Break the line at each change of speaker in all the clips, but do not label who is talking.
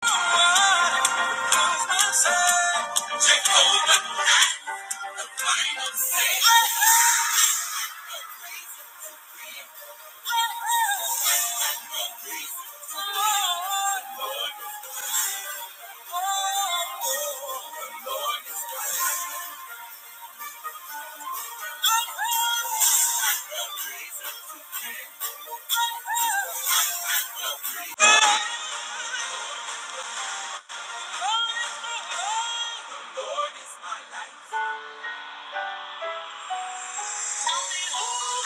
the Oh! Somebody help me, Lord!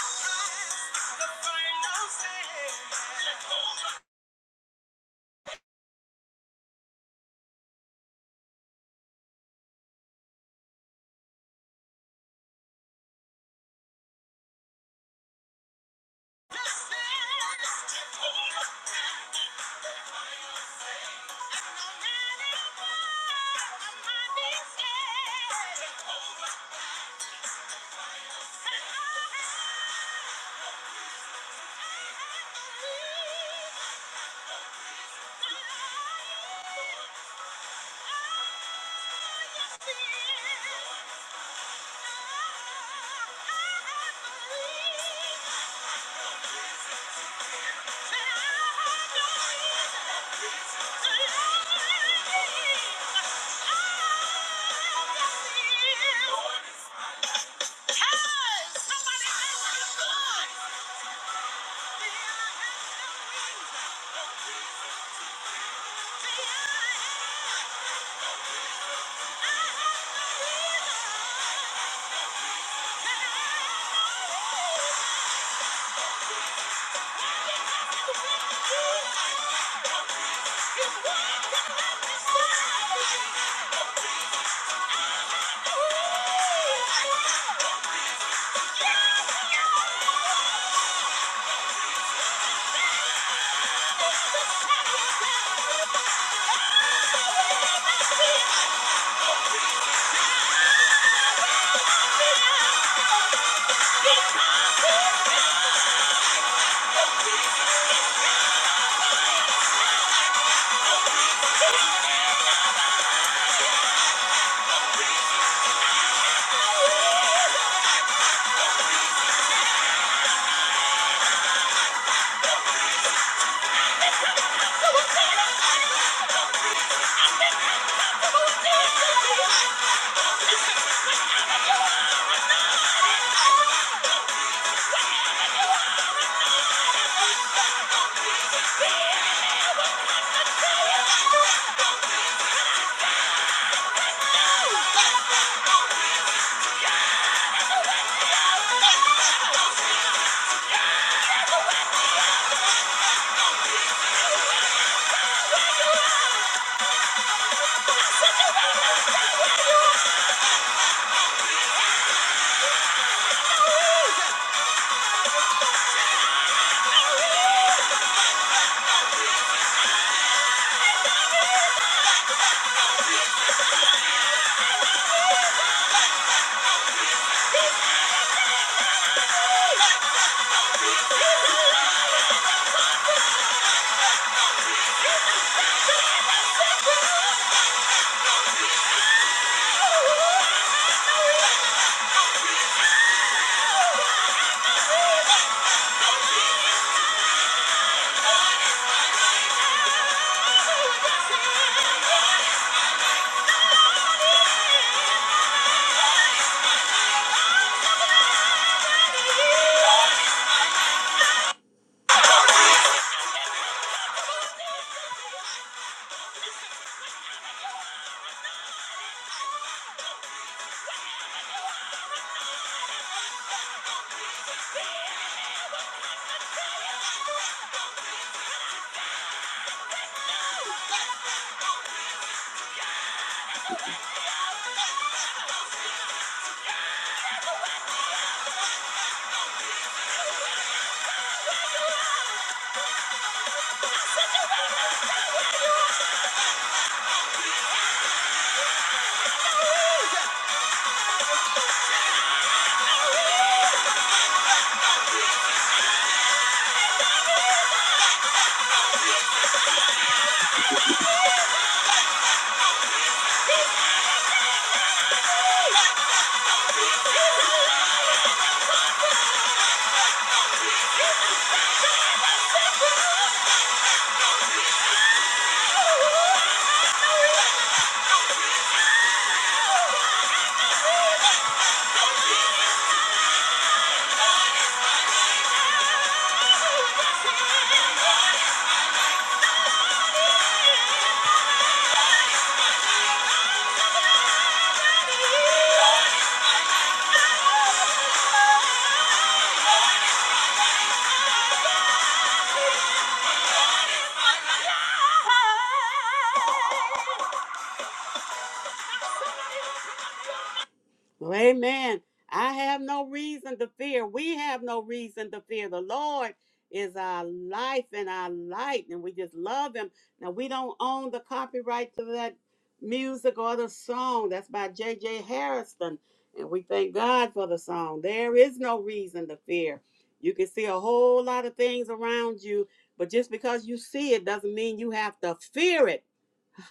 Well, amen. I have no reason to fear. We have no reason to fear. The Lord is our life and our light, and we just love Him. Now, we don't own the copyright to that music or the song. That's by J. J. Harrison, and we thank God for the song. There is no reason to fear. You can see a whole lot of things around you, but just because you see it doesn't mean you have to fear it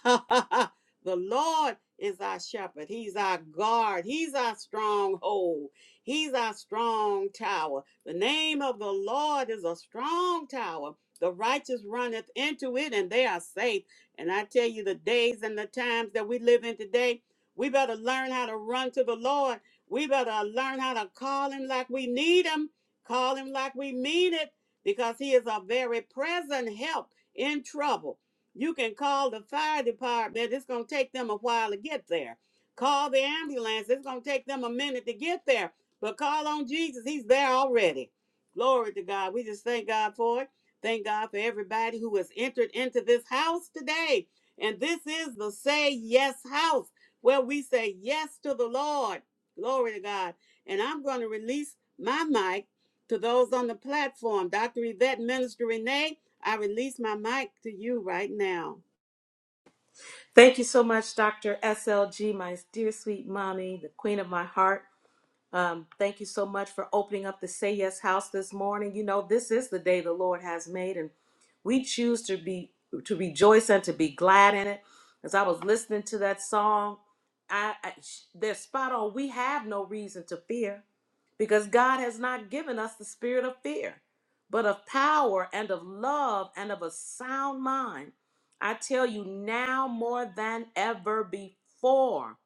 the Lord is our shepherd. He's our guard. He's our stronghold. He's our strong tower. The name of the Lord is a strong tower. The righteous runneth into it and they are safe. And I tell you, the days and the times that we live in today, we better learn how to run to the Lord. We better learn how to call him like we need him, call him like we mean it, because he is a very present help in trouble. You can call the fire department. It's going to take them a while to get there. Call the ambulance. It's going to take them a minute to get there. But call on Jesus. He's there already. Glory to God. We just thank God for it. Thank God for everybody who has entered into this house today. And this is the Say Yes house where we say yes to the Lord. Glory to God. And I'm going to release my mic to those on the platform. Dr. Yvette Minister Renee. I release my mic to you right now.
Thank you so much, Dr. SLG, my dear sweet mommy, the queen of my heart. Um, thank you so much for opening up the Say Yes House this morning. You know, this is the day the Lord has made, and we choose to be to rejoice and to be glad in it. As I was listening to that song, I, I sh- they're spot on. We have no reason to fear because God has not given us the spirit of fear, but of power and of love and of a sound mind. I tell you now more than ever before.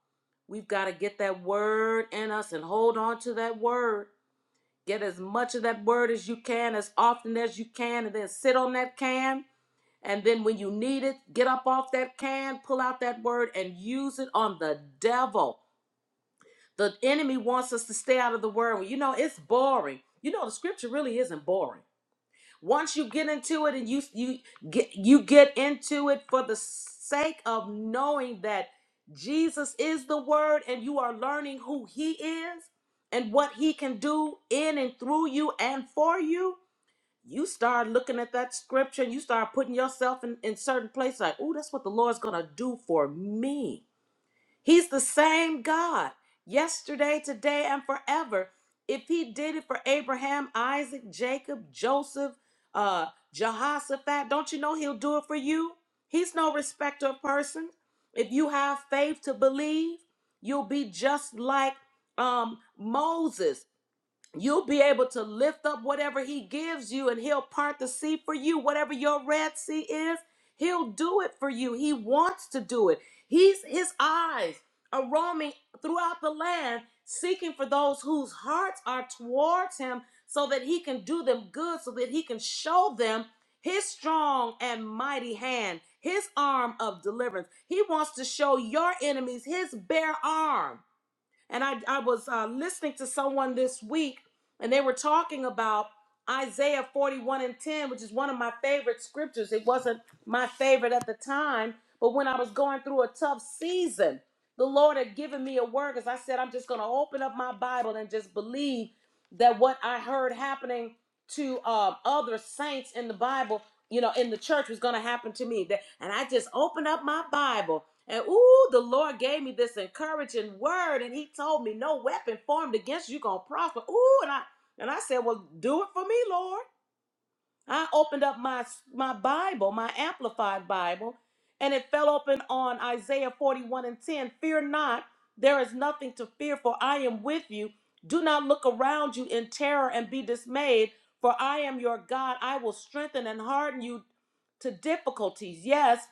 We've got to get that word in us and hold on to that word. Get as much of that word as you can, as often as you can, and then sit on that can. And then when you need it, get up off that can, pull out that word, and use it on the devil. The enemy wants us to stay out of the word. Well, you know, it's boring. You know, the scripture really isn't boring. Once you get into it and you you get you get into it for the sake of knowing that Jesus is the word and you are learning who he is and what he can do in and through you and for you, you start looking at that scripture and you start putting yourself in, in certain places like, oh, that's what the Lord's gonna do for me. He's the same God yesterday, today, and forever. If he did it for Abraham, Isaac, Jacob, Joseph, uh, Jehoshaphat, don't you know he'll do it for you? He's no respecter of persons. If you have faith to believe, you'll be just like um, Moses. You'll be able to lift up whatever he gives you and he'll part the sea for you. Whatever your Red Sea is, he'll do it for you. He wants to do it. He's his eyes are roaming throughout the land seeking for those whose hearts are towards him so that he can do them good so that he can show them his strong and mighty hand, his arm of deliverance. He wants to show your enemies his bare arm and I, I was uh, listening to someone this week, and they were talking about Isaiah 41 and 10, which is one of my favorite scriptures. It wasn't my favorite at the time, but when I was going through a tough season, the Lord had given me a word because I said, I'm just going to open up my Bible and just believe that what I heard happening to um, other saints in the Bible, you know, in the church was going to happen to me. That- And I just opened up my Bible and ooh, the Lord gave me this encouraging word, and He told me, "No weapon formed against you gonna prosper." Ooh, and I and I said, "Well, do it for me, Lord." I opened up my my Bible, my Amplified Bible, and it fell open on Isaiah 41 and 10. Fear not, there is nothing to fear, for I am with you. Do not look around you in terror and be dismayed, for I am your God. I will strengthen and harden you to difficulties. Yes,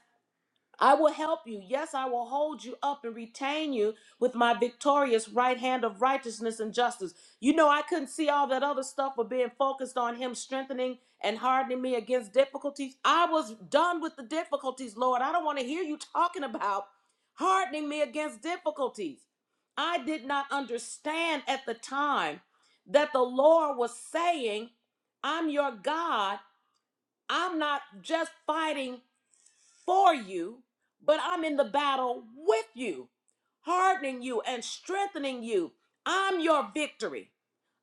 I will help you. Yes, I will hold you up and retain you with my victorious right hand of righteousness and justice. You know, I couldn't see all that other stuff but being focused on Him strengthening and hardening me against difficulties. I was done with the difficulties, Lord. I don't want to hear you talking about hardening me against difficulties. I did not understand at the time that the Lord was saying, I'm your God. I'm not just fighting for you, but I'm in the battle with you, hardening you and strengthening you. I'm your victory.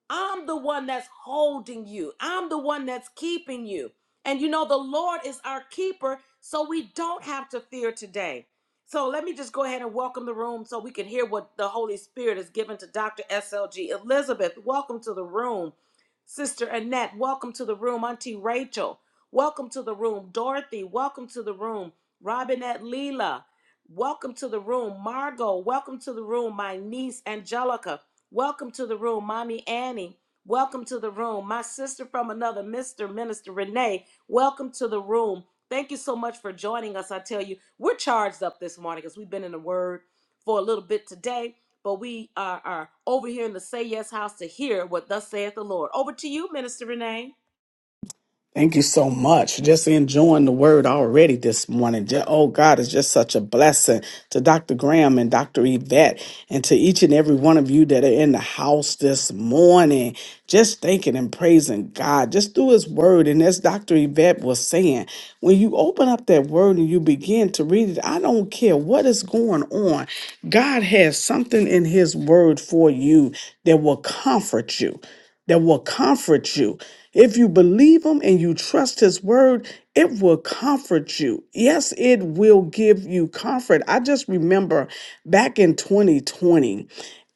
I'm the one that's holding you. I'm the one that's keeping you. And you know, the Lord is our keeper, so we don't have to fear today. So let me just go ahead and welcome the room so we can hear what the Holy Spirit has given to Dr. SLG. Elizabeth, welcome to the room. Sister Annette, welcome to the room. Auntie Rachel, welcome to the room. Dorothy, welcome to the room. Robinette Leela, welcome to the room. Margot, welcome to the room. My niece, Angelica. Welcome to the room, Mommy Annie. Welcome to the room. My sister from another, Mr. Minister Renee. Welcome to the room. Thank you so much for joining us. I tell you, we're charged up this morning because we've been in the Word for a little bit today, but we are, are over here in the Say Yes house to hear what thus saith the Lord. Over to you, Minister Renee.
Thank you so much. Just enjoying the word already this morning. Ju- oh, God, it's just such a blessing to Dr. Graham and Dr. Yvette and to each and every one of you that are in the house this morning. Just thanking and praising God just through his word. And as Dr. Yvette was saying, when you open up that word and you begin to read it, I don't care what is going on, God has something in his word for you that will comfort you that will comfort you. If you believe Him and you trust His word, it will comfort you. Yes, it will give you comfort. I just remember back in 2020,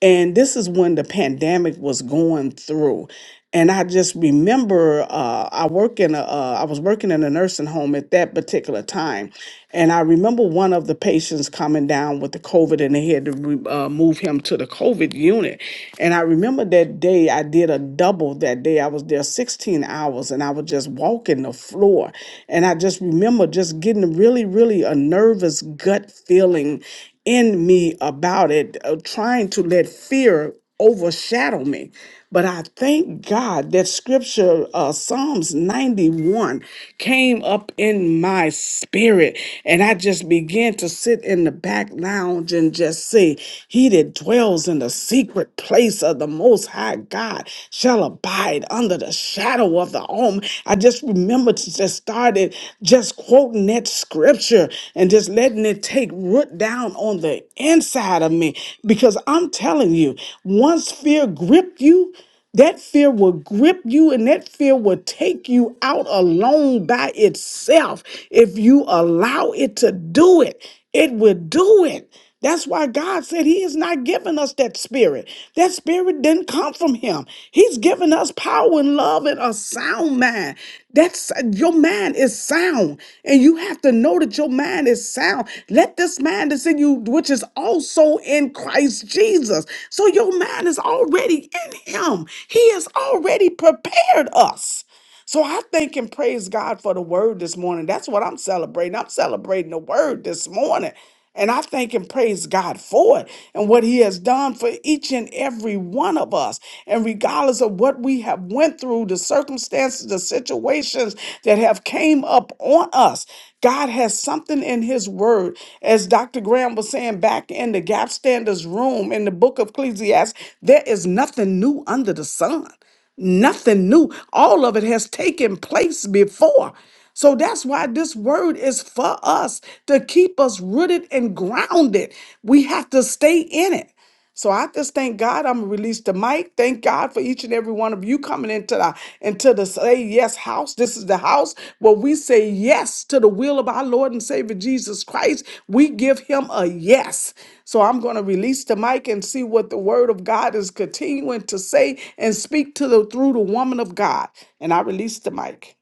and this is when the pandemic was going through and I just remember uh, I work in a uh, I was working in a nursing home at that particular time, and I remember one of the patients coming down with the COVID, and they had to re- uh, move him to the COVID unit. And I remember that day I did a double that day. I was there 16 hours, and I was just walking the floor, and I just remember just getting really, really a nervous gut feeling in me about it, uh, trying to let fear overshadow me but I thank God that scripture, uh, Psalms 91, came up in my spirit. And I just began to sit in the back lounge and just say, He that dwells in the secret place of the Most High God shall abide under the shadow of the Almighty. I just remember to just started just just quoting that scripture and just letting it take root down on the inside of me. Because I'm telling you, once fear gripped you, that fear will grip you and that fear will take you out alone by itself if you allow it to do it. It will do it. That's why God said He is not giving us that spirit. That spirit didn't come from Him. He's given us power and love and a sound mind. That's your mind is sound, and you have to know that your mind is sound. Let this mind that's in you, which is also in Christ Jesus. So your mind is already in Him. He has already prepared us. So I thank and praise God for the word this morning. That's what I'm celebrating. I'm celebrating the word this morning. And I thank and praise God for it and what he has done for each and every one of us. And regardless of what we have went through, the circumstances, the situations that have came up on us, God has something in his word. As Dr. Graham was saying back in the gap standards room in the book of Ecclesiastes, there is nothing new under the sun. Nothing new. All of it has taken place before. So that's why this word is for us to keep us rooted and grounded. We have to stay in it. So I just thank God I'm released the mic. Thank God for each and every one of you coming into the into the say yes house. This is the house where we say yes to the will of our Lord and Savior Jesus Christ. We give him a yes. So I'm going to release the mic and see what the word of God is continuing to say and speak to the through the woman of God. And I release the mic.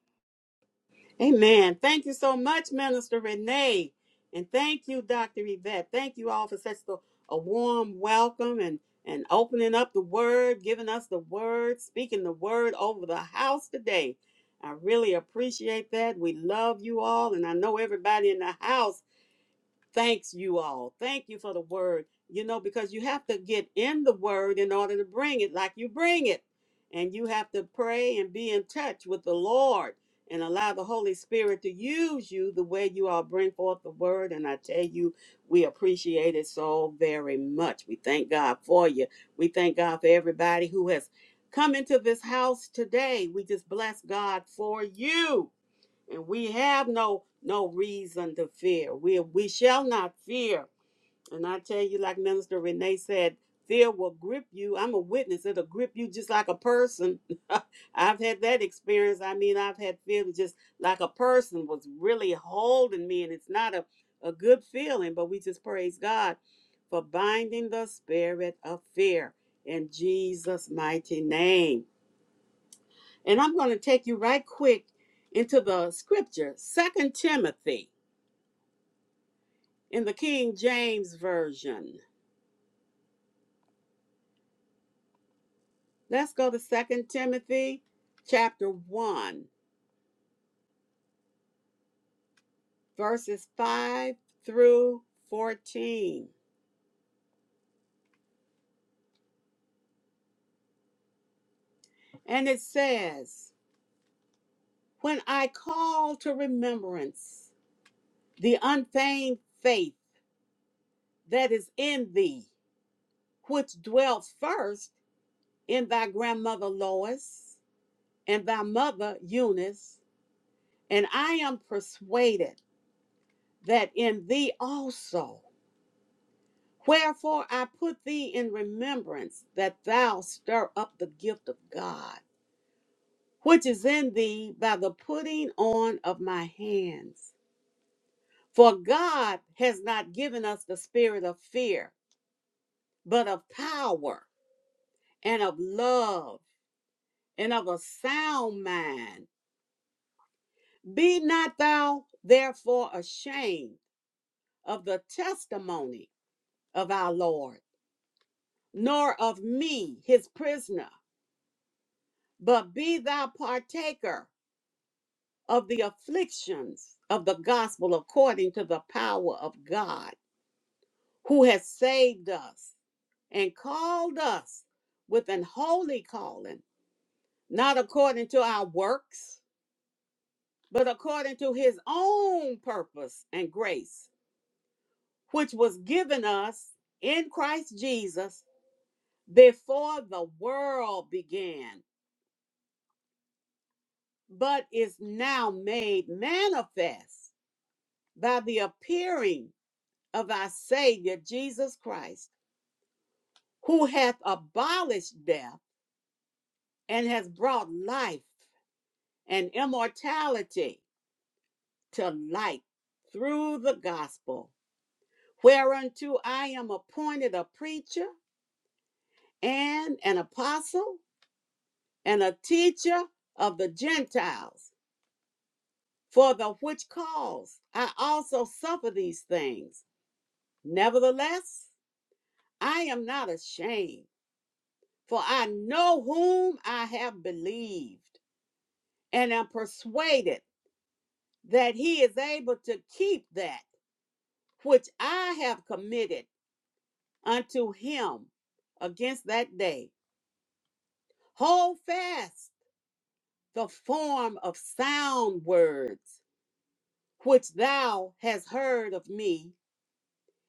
Amen. Thank you so much, Minister Renee. And thank you, Dr. Yvette. Thank you all for such a, a warm welcome and, and opening up the word, giving us the word, speaking the word over the house today. I really appreciate that. We love you all. And I know everybody in the house thanks you all. Thank you for the word, you know, because you have to get in the word in order to bring it like you bring it. And you have to pray and be in touch with the Lord and allow the Holy Spirit to use you the way you all bring forth the word. And I tell you, we appreciate it so very much. We thank God for you. We thank God for everybody who has come into this house today. We just bless God for you and we have no no reason to fear. We we shall not fear. And I tell you, like Minister Renee said, fear will grip you. I'm a witness; it'll grip you just like a person. I've had that experience. I mean, I've had fear that just like a person was really holding me, and it's not a a good feeling. But we just praise God for binding the spirit of fear in Jesus' mighty name. And I'm going to take you right quick into the scripture, Second Timothy in the King James Version. Let's go to Second Timothy chapter 1, verses 5 through 14. And it says, When I call to remembrance the unfeigned faith that is in thee, which dwelt first in thy grandmother Lois and thy mother Eunice And I am persuaded that in thee also, wherefore I put thee in remembrance that thou stir up the gift of God, which is in thee by the putting on of my hands. For God has not given us the spirit of fear, but of power and of love and of a sound mind. Be not thou therefore ashamed of the testimony of our Lord nor of me, his prisoner, but be thou partaker of the afflictions of the gospel according to the power of God, who has saved us and called us with an holy calling, not according to our works, but according to his own purpose and grace, which was given us in Christ Jesus before the world began but is now made manifest by the appearing of our Savior Jesus Christ, who hath abolished death and has brought life and immortality to light through the gospel, whereunto I am appointed a preacher and an apostle and a teacher of the Gentiles, for the which cause I also suffer these things. Nevertheless, I am not ashamed, for I know whom I have believed, and am persuaded that he is able to keep that which I have committed unto him against that day. Hold fast the form of sound words which thou hast heard of me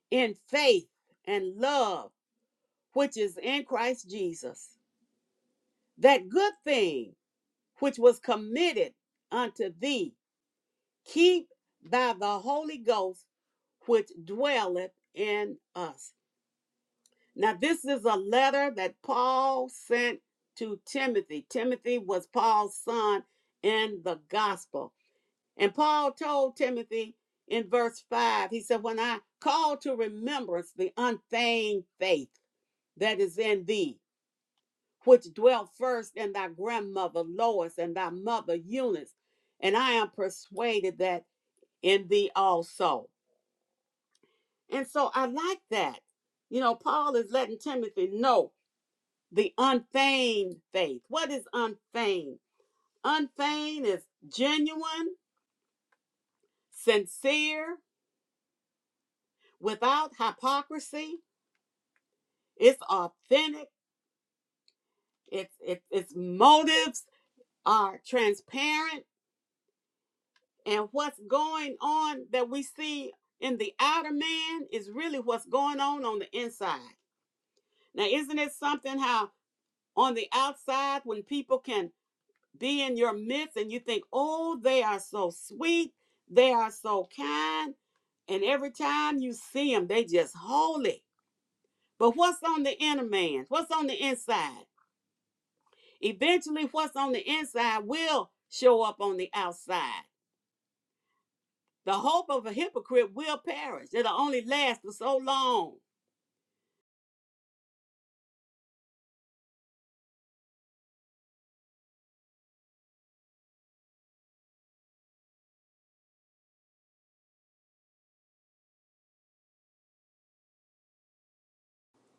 in faith and love which is in Christ Jesus. That good thing which was committed unto thee keep by the Holy Ghost which dwelleth in us. Now, this is a letter that Paul sent to Timothy. Timothy was Paul's son in the gospel. And Paul told Timothy in verse 5, he said, When I call to remembrance the unfeigned faith that is in thee, which dwelt first in thy grandmother Lois and thy mother Eunice, and I am persuaded that in thee also. And so I like that. You know, Paul is letting Timothy know the unfeigned faith. What is unfeigned? Unfeigned is genuine, sincere, without hypocrisy. It's authentic. It's it's its motives are transparent, and what's going on that we see in the outer man is really what's going on on the inside. Now, isn't it something how on the outside when people can be in your midst and you think, oh, they are so sweet, they are so kind, and every time you see them, they just holy. But what's on the inner man? What's on the inside? Eventually, what's on the inside will show up on the outside. The hope of a hypocrite will perish. It'll only last for so long.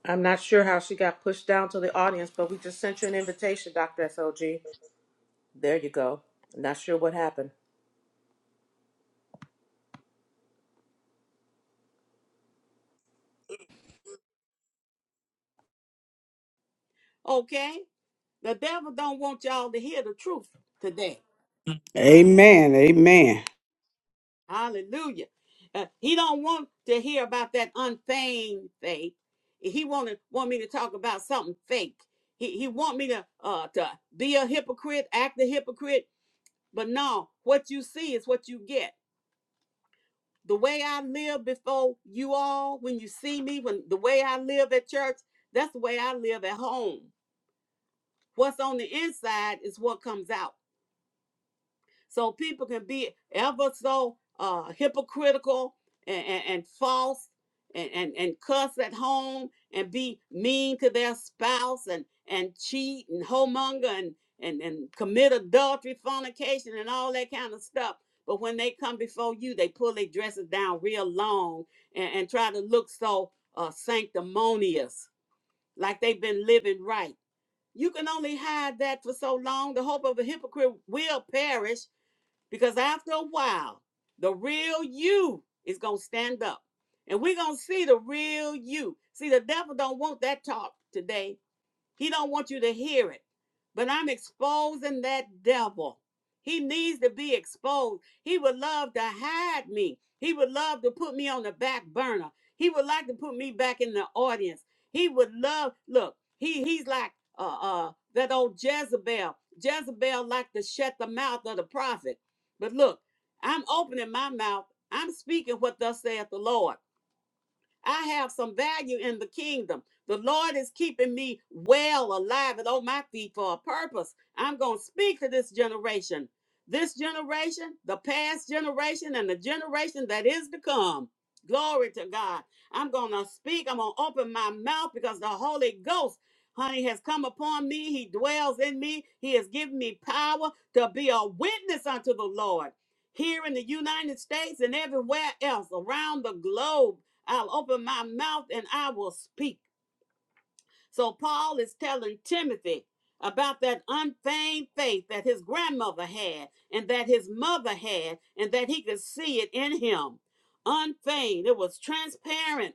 I'm not sure how she got pushed down to the audience, but we just sent you an invitation, Dr. SLG. There you go. Not sure what happened.
Okay? The devil don't want y'all to hear the truth today.
Amen. Amen.
Hallelujah. Uh, he don't want to hear about that unfeigned faith. He wanted want me to talk about something fake. He he want me to uh to be a hypocrite, act a hypocrite. But no, what you see is what you get. The way I live before you all, when you see me, when the way I live at church, that's the way I live at home. What's on the inside is what comes out. So people can be ever so uh, hypocritical and, and, and false and, and, and cuss at home and be mean to their spouse and, and cheat and homemonger and, and, and commit adultery, fornication, and all that kind of stuff. But when they come before you, they pull their dresses down real long and, and try to look so uh, sanctimonious, like they've been living right. You can only hide that for so long. The hope of a hypocrite will perish because after a while, the real you is going to stand up. And we're going to see the real you. See, the devil don't want that talk today. He don't want you to hear it. But I'm exposing that devil. He needs to be exposed. He would love to hide me. He would love to put me on the back burner. He would like to put me back in the audience. He would love, look, he he's like uh uh that old Jezebel. Jezebel liked to shut the mouth of the prophet. But look, I'm opening my mouth. I'm speaking what thus saith the Lord. I have some value in the kingdom. The Lord is keeping me well, alive, and on my feet for a purpose. I'm going to speak to this generation, this generation, the past generation, and the generation that is to come. Glory to God. I'm going to speak. I'm going to open my mouth because the Holy Ghost, honey, has come upon me. He dwells in me. He has given me power to be a witness unto the Lord here in the United States and everywhere else around the globe. I'll open my mouth and I will speak. So Paul is telling Timothy about that unfeigned faith that his grandmother had and that his mother had and that he could see it in him. Unfeigned, it was transparent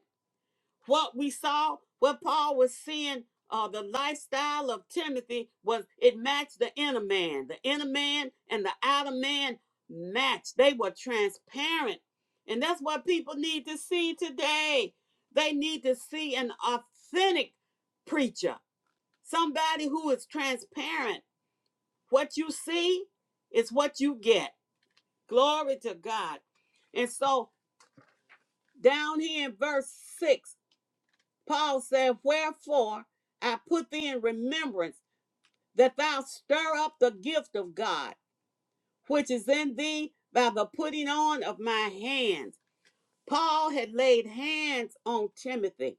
what we saw, what Paul was seeing, uh, the lifestyle of Timothy was it matched the inner man. The inner man and the outer man matched. They were transparent. And that's what people need to see today. They need to see an authentic preacher, somebody who is transparent. What you see is what you get. Glory to God. And so down here in verse 6, Paul said, Wherefore I put thee in remembrance that thou stir up the gift of God, which is in thee by the putting on of my hands. Paul had laid hands on Timothy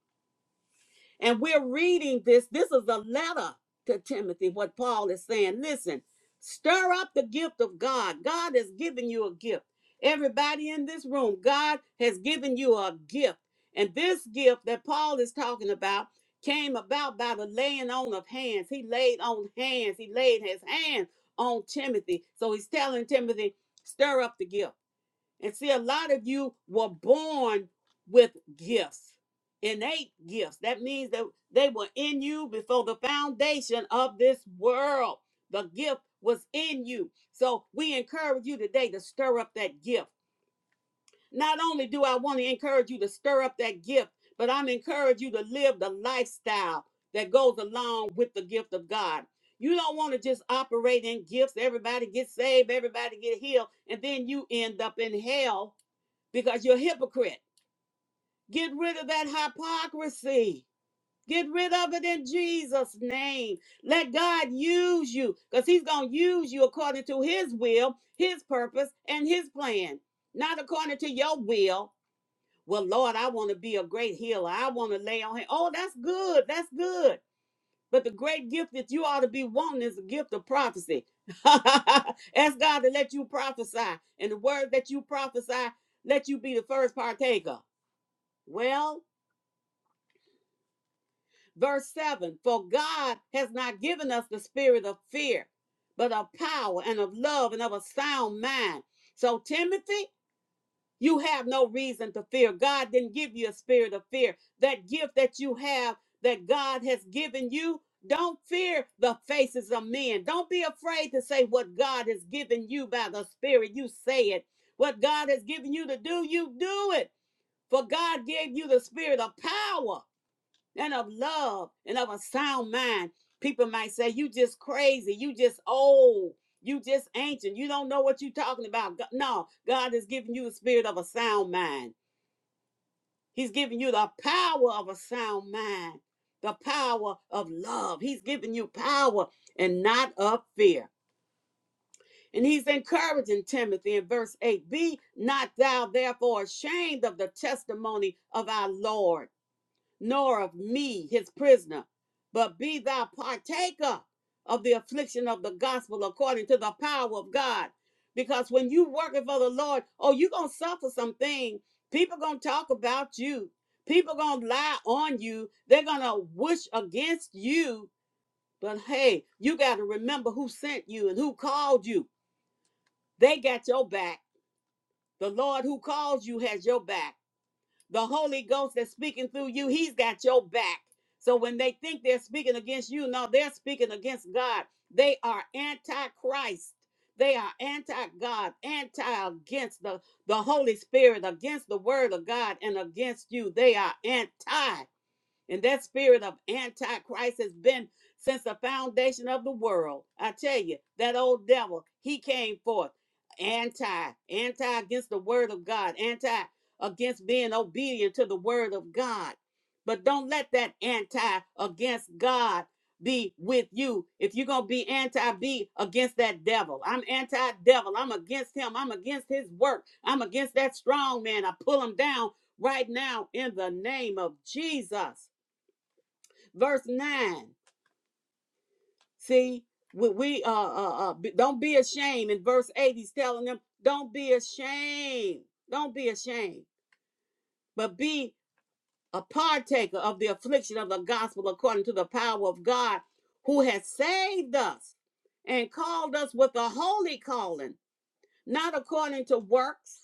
and we're reading this. This is a letter to Timothy, what Paul is saying. Listen, stir up the gift of God. God has given you a gift. Everybody in this room, God has given you a gift. And this gift that Paul is talking about came about by the laying on of hands. He laid on hands, he laid his hand on Timothy. So he's telling Timothy, stir up the gift. And see, a lot of you were born with gifts, innate gifts. That means that they were in you before the foundation of this world. The gift was in you. So we encourage you today to stir up that gift. Not only do I want to encourage you to stir up that gift, but I'm encouraging you to live the lifestyle that goes along with the gift of God. You don't want to just operate in gifts. Everybody get saved, everybody get healed, and then you end up in hell because you're a hypocrite. Get rid of that hypocrisy. Get rid of it in Jesus' name. Let God use you because He's going to use you according to His will, His purpose, and His plan, not according to your will. Well, Lord, I want to be a great healer. I want to lay on Him. Oh, that's good. That's good. But the great gift that you ought to be wanting is the gift of prophecy. Ask God to let you prophesy, and the word that you prophesy, let you be the first partaker. Well, verse 7 For God has not given us the spirit of fear, but of power and of love and of a sound mind. So, Timothy, you have no reason to fear. God didn't give you a spirit of fear. That gift that you have, that God has given you, don't fear the faces of men. Don't be afraid to say what God has given you by the Spirit. You say it. What God has given you to do, you do it. For God gave you the spirit of power and of love and of a sound mind. People might say, You just crazy, you just old, you just ancient, you don't know what you're talking about. No, God is giving you the spirit of a sound mind. He's giving you the power of a sound mind, the power of love. He's giving you power and not of fear. And he's encouraging Timothy in verse 8 Be not thou therefore ashamed of the testimony of our Lord nor of me, his prisoner, but be thou partaker of the affliction of the gospel according to the power of God. Because when you working for the Lord, oh, you're gonna suffer something. People gonna talk about you. People gonna lie on you. They're gonna wish against you. But hey, you gotta remember who sent you and who called you. They got your back. The Lord who calls you has your back. The Holy Ghost that's speaking through you, he's got your back. So when they think they're speaking against you, no, they're speaking against God. They are anti-Christ. They are anti-God, anti-against the, the Holy Spirit, against the word of God, and against you. They are anti. And that spirit of antichrist has been since the foundation of the world. I tell you, that old devil, he came forth anti, anti against the word of God, anti against being obedient to the word of God. But don't let that anti against God be with you. If you're going to be anti, be against that devil. I'm anti devil. I'm against him. I'm against his work. I'm against that strong man. I pull him down right now in the name of Jesus verse 9 see we, we uh, uh uh don't be ashamed in verse 8 he's telling them don't be ashamed don't be ashamed but be a partaker of the affliction of the gospel according to the power of god who has saved us and called us with a holy calling not according to works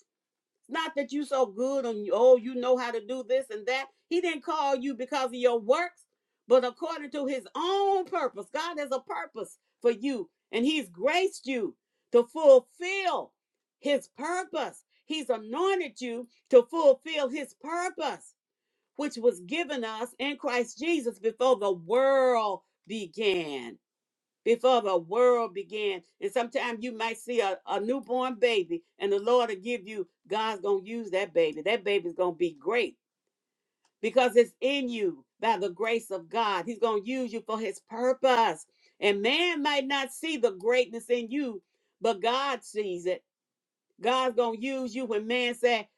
Not that you so good and oh, you know how to do this and that. He didn't call you because of your works, but according to his own purpose. God has a purpose for you, and he's graced you to fulfill his purpose. He's anointed you to fulfill his purpose, which was given us in Christ Jesus before the world began before the world began. And sometimes you might see a, a newborn baby, and the Lord will give you, God's going to use that baby. That baby's going to be great because it's in you by the grace of God. He's going to use you for his purpose. And man might not see the greatness in you, but God sees it. God's going to use you when man say,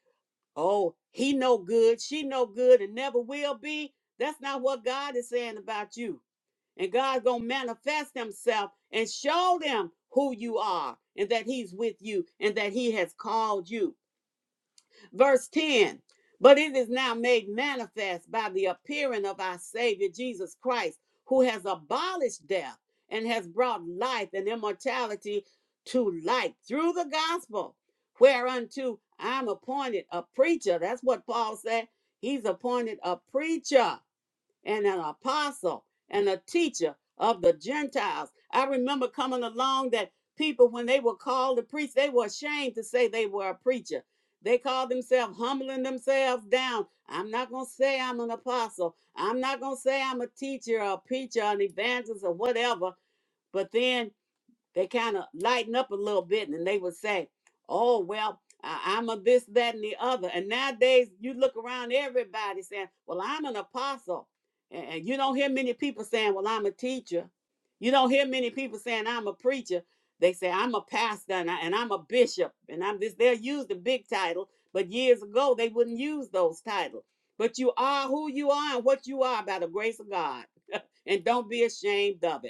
oh, he no good, she no good, and never will be. That's not what God is saying about you and God's gonna manifest Himself and show them who you are and that He's with you and that He has called you. Verse 10. But it is now made manifest by the appearing of our Savior Jesus Christ, who has abolished death and has brought life and immortality to light through the gospel, whereunto I'm appointed a preacher. That's what Paul said. He's appointed a preacher and an apostle and a teacher of the Gentiles. I remember coming along that people, when they were called to preach, they were ashamed to say they were a preacher. They called themselves humbling themselves down. I'm not going to say I'm an apostle. I'm not going to say I'm a teacher or a preacher or an evangelist or whatever. But then they kind of lighten up a little bit and they would say, Oh, well, I- I'm a this, that, and the other. And nowadays you look around, everybody saying, Well, I'm an apostle. And and you don't hear many people saying, Well, I'm a teacher. You don't hear many people saying, I'm a preacher. They say, I'm a pastor and, I, and I'm a bishop. And I'm this. They'll use the big title, but years ago they wouldn't use those titles. But you are who you are and what you are by the grace of God. and don't be ashamed of it.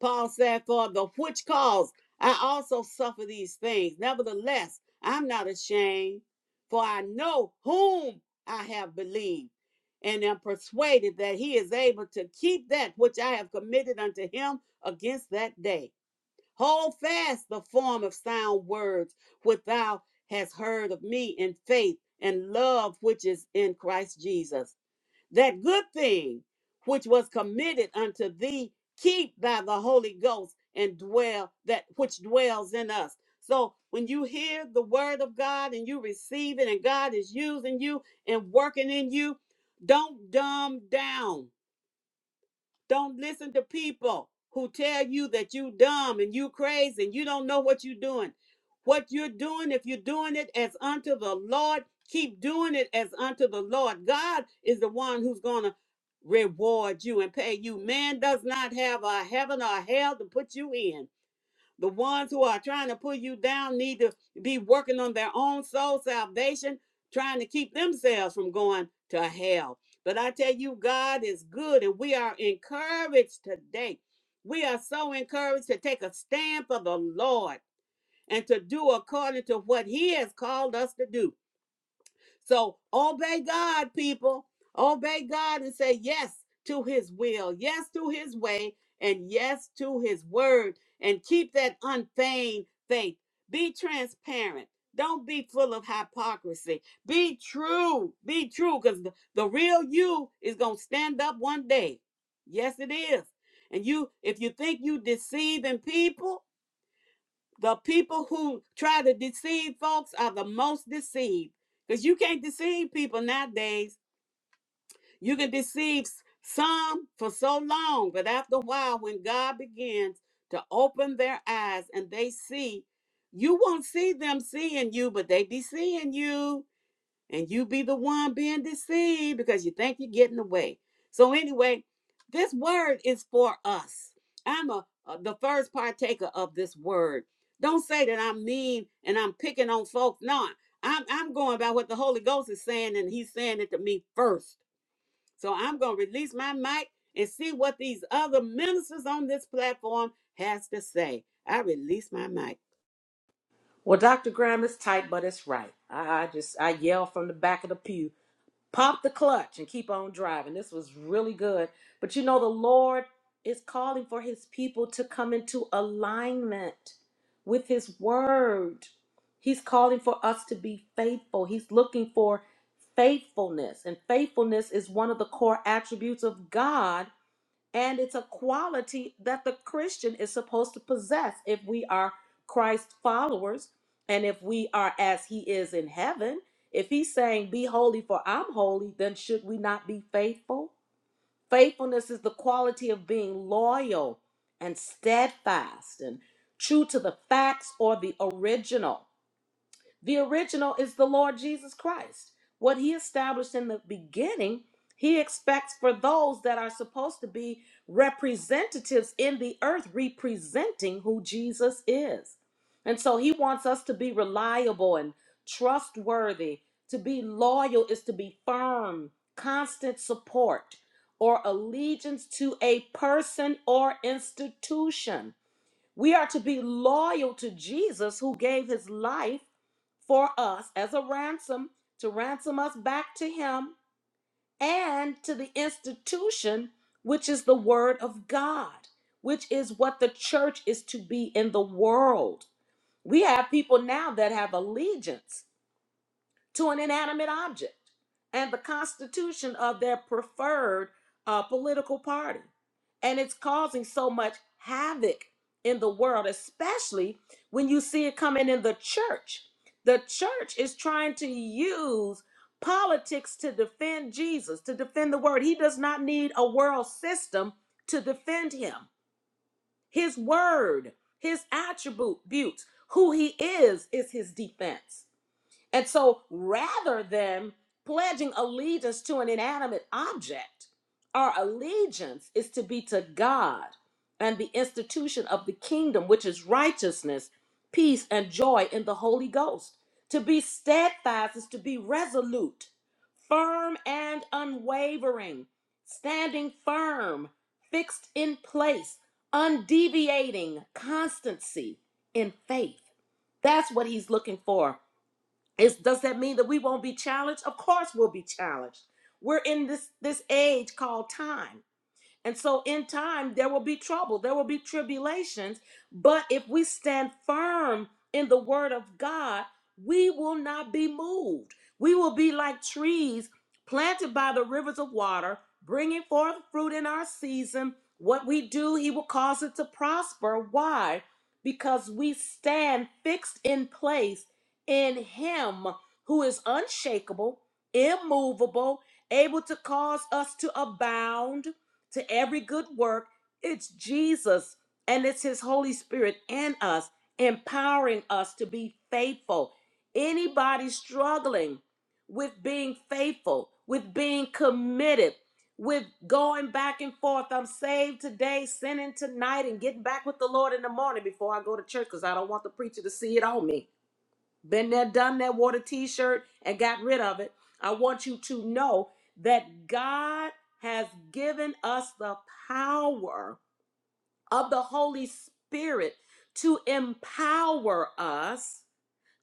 Paul said, For the which cause I also suffer these things. Nevertheless, I'm not ashamed, for I know whom I have believed, and am persuaded that he is able to keep that which I have committed unto him against that day. Hold fast the form of sound words which thou hast heard of me in faith and love which is in Christ Jesus that good thing which was committed unto thee, keep by the Holy Ghost and dwell that which dwells in us. So when you hear the word of God and you receive it, and God is using you and working in you, don't dumb down don't listen to people who tell you that you dumb and you crazy and you don't know what you're doing. What you're doing, if you're doing it as unto the Lord, keep doing it as unto the Lord. God is the one who's going to reward you and pay you. Man does not have a heaven or hell to put you in. The ones who are trying to pull you down need to be working on their own soul salvation, trying to keep themselves from going to hell. But I tell you, God is good, and we are encouraged today. We are so encouraged to take a stand for the Lord and to do according to what He has called us to do. So obey God, people. Obey God and say yes to his will, yes to his way, and yes to his word. And keep that unfeigned faith. Be transparent. Don't be full of hypocrisy. Be true. Be true because the, the real you is going to stand up one day. Yes, it is. And you, if you think you deceiving people, the people who try to deceive folks are the most deceived because you can't deceive people nowadays. You can deceive s- some for so long, but after a while, when God begins to open their eyes and they see, you won't see them seeing you, but they be seeing you and you be the one being deceived because you think you're getting away. So anyway, this word is for us. I'm a, a- the first partaker of this word. Don't say that I'm mean and I'm picking on folks. No, I'm I'm going by what the Holy Ghost is saying, and He's saying it to me first. So I'm gonna release my mic and see what these other ministers on this platform has to say. I release my mic.
Well, Dr. Graham is tight, but it's right. I, I just I yell from the back of the pew, pop the clutch and keep on driving. This was really good. But you know, the Lord is calling for his people to come into alignment with his word. He's calling for us to be faithful. He's looking for faithfulness. And faithfulness is one of the core attributes of God and it's a quality that the Christian is supposed to possess if we are Christ followers and if we are as he is in heaven. If he's saying, Be holy for I'm holy, then should we not be faithful? Faithfulness is the quality of being loyal and steadfast and true to the facts or the original. The original is the Lord Jesus Christ. What he established in the beginning, he expects for those that are supposed to be representatives in the earth, representing who Jesus is. And so he wants us to be reliable and trustworthy. To be loyal is to be firm, constant support, or allegiance to a person or institution we are to be loyal to Jesus who gave his life for us as a ransom to ransom us back to him and to the institution which is the word of God, which is what the church is to be in the world. We have people now that have allegiance to an inanimate object and the constitution of their preferred uh, political party. And it's causing so much havoc in the world, especially when you see it coming in the church. The church is trying to use politics to defend Jesus, to defend the word. He does not need a world system to defend him. His word, his attributes, who he is, is his defense. And so rather than pledging allegiance to an inanimate object, our allegiance is to be to God and the institution of the kingdom, which is righteousness, peace, and joy in the Holy Ghost. To be steadfast is to be resolute, firm, and unwavering, standing firm, fixed in place, undeviating constancy in faith. That's what he's looking for is does that mean that we won't be challenged? Of course we'll be challenged. We're in this this age called time. And so in time, there will be trouble, there will be tribulations. But if we stand firm in the word of God, we will not be moved. We will be like trees planted by the rivers of water, bringing forth fruit in our season. What we do, He will cause it to prosper. Why? Because we stand fixed in place in Him who is unshakable, immovable, able to cause us to abound to every good work, it's Jesus and it's His Holy Spirit in us, empowering us to be faithful. Anybody struggling with being faithful, with being committed, with going back and forth, I'm saved today, sinning tonight, and getting back with the Lord in the morning before I go to church because I don't want the preacher to see it on me been there, done that, wore the t shirt and got rid of it. I want you to know that God has given us the power of the Holy Spirit to empower us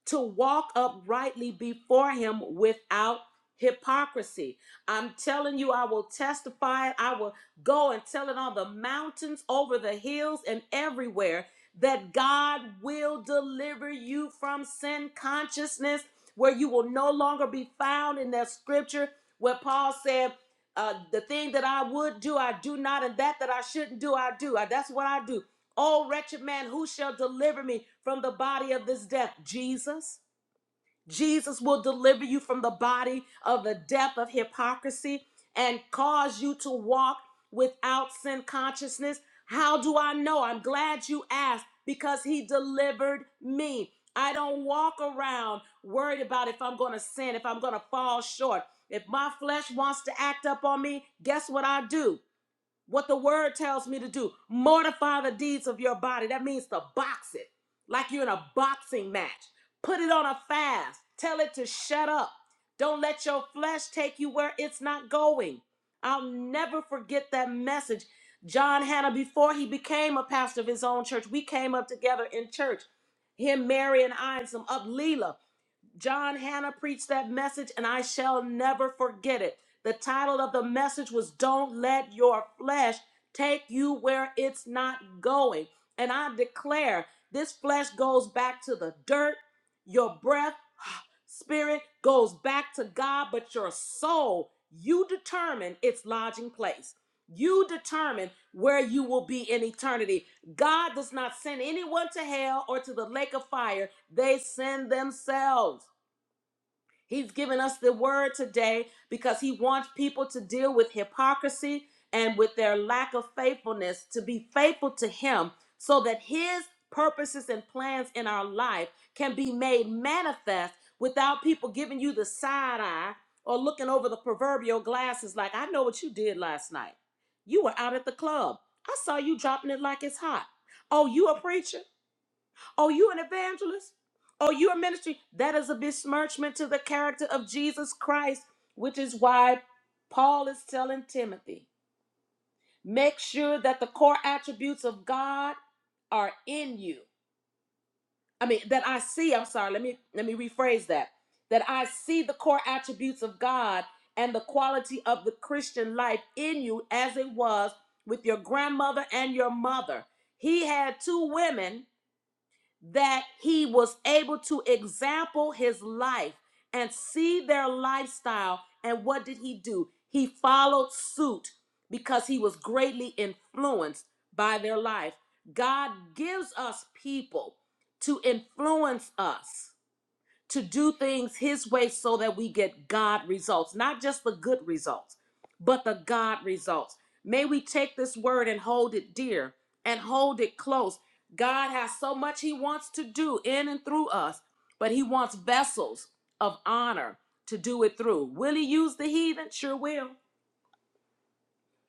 to walk uprightly before him without hypocrisy. I'm telling you, I will testify. I will go and tell it on the mountains, over the hills, and everywhere that God will deliver you from sin consciousness, where you will no longer be found in that scripture where Paul said, uh, the thing that I would do, I do not, and that that I shouldn't do, I do. Uh, That's what I do. O wretched man, who shall deliver me from the body of this death? Jesus. Jesus will deliver you from the body of the death of hypocrisy and cause you to walk without sin consciousness. How do I know? I'm glad you asked because he delivered me. I don't walk around worried about if I'm going to sin, if I'm going to fall short. If my flesh wants to act up on me, guess what I do? what the word tells me to do. Mortify the deeds of your body. That means to box it like you're in a boxing match. Put it on a fast. Tell it to shut up. Don't let your flesh take you where it's not going. I'll never forget that message. John Hannah, before he became a pastor of his own church, we came up together in church. Him, Mary, and I, and some up Leela. John Hannah preached that message, and I shall never forget it. The title of the message was Don't Let Your Flesh Take You Where It's Not Going. And I declare this flesh goes back to the dirt, your breath, spirit goes back to God, but your soul, you determine its lodging place. You determine where you will be in eternity. God does not send anyone to hell or to the lake of fire, they send themselves. He's given us the word today because he wants people to deal with hypocrisy and with their lack of faithfulness, to be faithful to him so that his purposes and plans in our life can be made manifest without people giving you the side eye or looking over the proverbial glasses like, I know what you did last night. You were out at the club. I saw you dropping it like it's hot. Oh, you a preacher? Oh, you an evangelist? Oh, you a ministry? That is a besmirchment to the character of Jesus Christ, which is why Paul is telling Timothy, make sure that the core attributes of God are in you. I mean, that I see, I'm sorry, let me let me rephrase that. That I see the core attributes of God and the quality of the Christian life in you as it was with your grandmother and your mother. He had two women that he was able to example his life and see their lifestyle. And what did he do? He followed suit because he was greatly influenced by their life. God gives us people to influence us to do things His way so that we get God results, not just the good results, but the God results. May we take this word and hold it dear and hold it close. God has so much He wants to do in and through us, but He wants vessels of honor to do it through. Will He use the heathen? Sure will.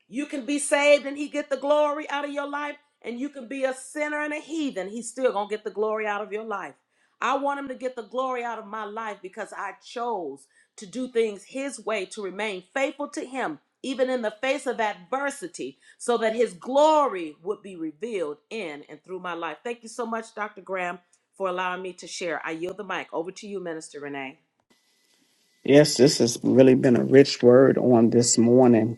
You can be saved and he get the glory out of your life, and you can be a sinner and a heathen. He's still gonna get the glory out of your life. I want him to get the glory out of my life because I chose to do things his way, to remain faithful to him, even in the face of adversity, so that his glory would be revealed in and through my life. Thank you so much, Dr. Graham, for allowing me to share. I yield the mic over to you, Minister Renee.
Yes, this has really been a rich word on this morning.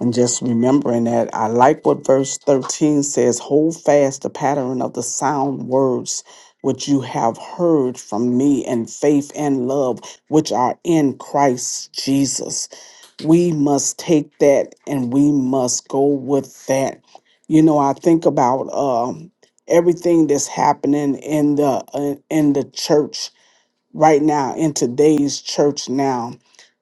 And just remembering that, I like what verse 13 says hold fast the pattern of the sound words which you have heard from me and faith and love which are in Christ Jesus. We must take that and we must go with that. You know, I think about um, everything that's happening in the uh, in the church right now in today's church now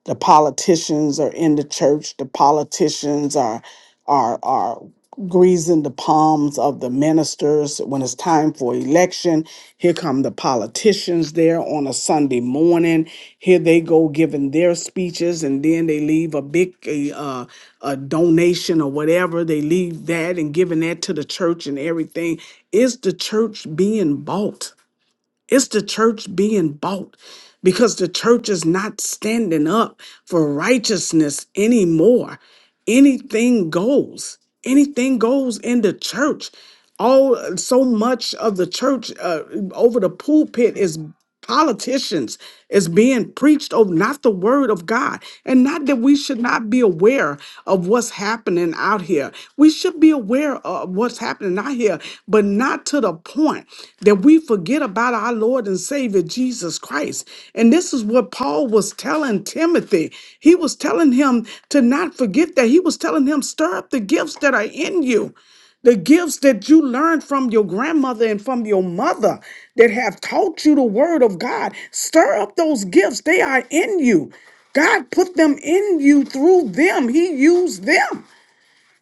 the politicians are in the church the politicians are are are greasing the palms of the ministers when it's time for election here come the politicians there on a sunday morning here they go giving their speeches and then they leave a big a, uh, a donation or whatever they leave that and giving that to the church and everything is the church being bought it's the church being bought because the church is not standing up for righteousness anymore. Anything goes. Anything goes in the church. All so much of the church uh, over the pulpit is politicians is being preached of not the word of God. And not that we should not be aware of what's happening out here. We should be aware of what's happening out here, but not to the point that we forget about our Lord and Savior Jesus Christ. And this is what Paul was telling Timothy. He was telling him to not forget that. He was telling him, stir up the gifts that are in you the gifts that you learned from your grandmother and from your mother that have taught you the word of God. Stir up those gifts, they are in you. God put them in you through them, He used them.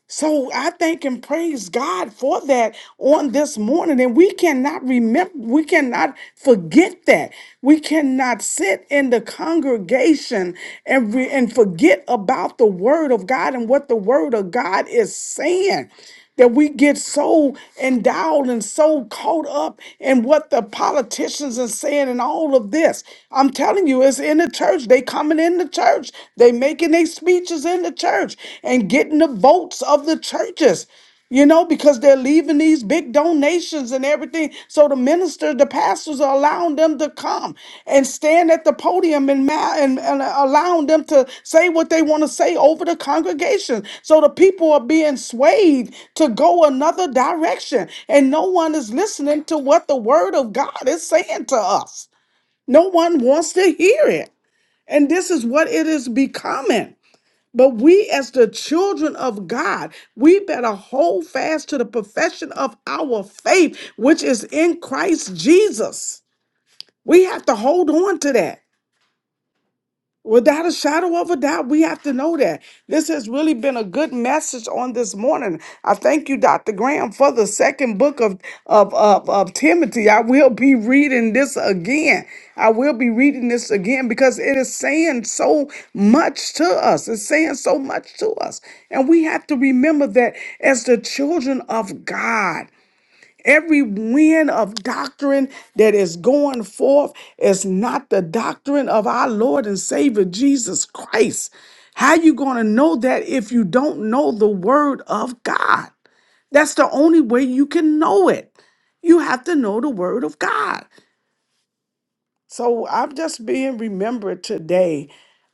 So I thank and praise God for that on this morning. And we cannot remember, we cannot forget that. We cannot sit in the congregation and, re- and forget about the word of God and what the word of God is saying that we get so endowed and so caught up in what the politicians are saying and all of this. I'm telling you, it's in the church. They coming in the church. They making their speeches in the church and getting the votes of the churches. You know, because they're leaving these big donations and everything. So the ministers, the pastors are allowing them to come and stand at the podium and, ma- and, and allowing them to say what they want to say over the congregation. So the people are being swayed to go another direction. And no one is listening to what the word of God is saying to us. No one wants to hear it. And this is what it is becoming. But we, as the children of God, we better hold fast to the profession of our faith, which is in Christ Jesus. We have to hold on to that. Without a shadow of a doubt, we have to know that. This has really been a good message on this morning. I thank you, Dr. Graham, for the second book of, of, of, of Timothy. I will be reading this again. I will be reading this again because it is saying so much to us. It's saying so much to us. And we have to remember that as the children of God. Every wind of doctrine that is going forth is not the doctrine of our Lord and Savior Jesus Christ. How you going to know that if you don't know the word of God? That's the only way you can know it. You have to know the word of God. So I'm just being remembered today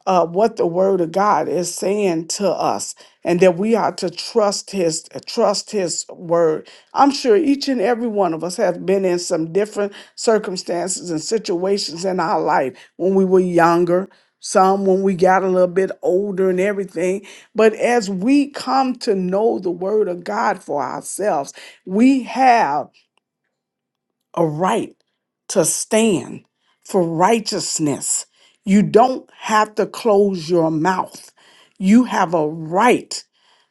uh, what the Word of God is saying to us, and that we are to trust His trust His word. I'm sure each and every one of us has been in some different circumstances and situations in our life when we were younger. Some when we got a little bit older and everything. But as we come to know the word of God for ourselves, we have a right to stand for righteousness. You don't have to close your mouth. You have a right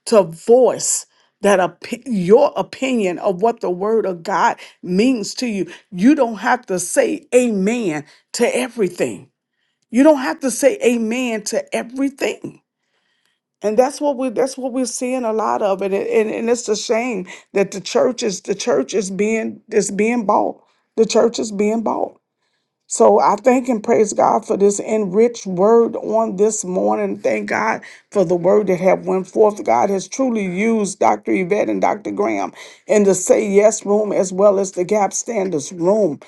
to voice that opi- your opinion of what the word of God means to you. You don't have to say amen to everything. You don't have to say amen to everything. And that's what we that's what we're seeing a lot of. And, it, and and it's a shame that the church is the church is being is being bought. The church is being bought. So I thank and praise God for this enriched word on this morning. Thank God for the word that have went forth. God has truly used Dr. Yvette and Dr. Graham in the Say Yes room as well as the Gap Standards room.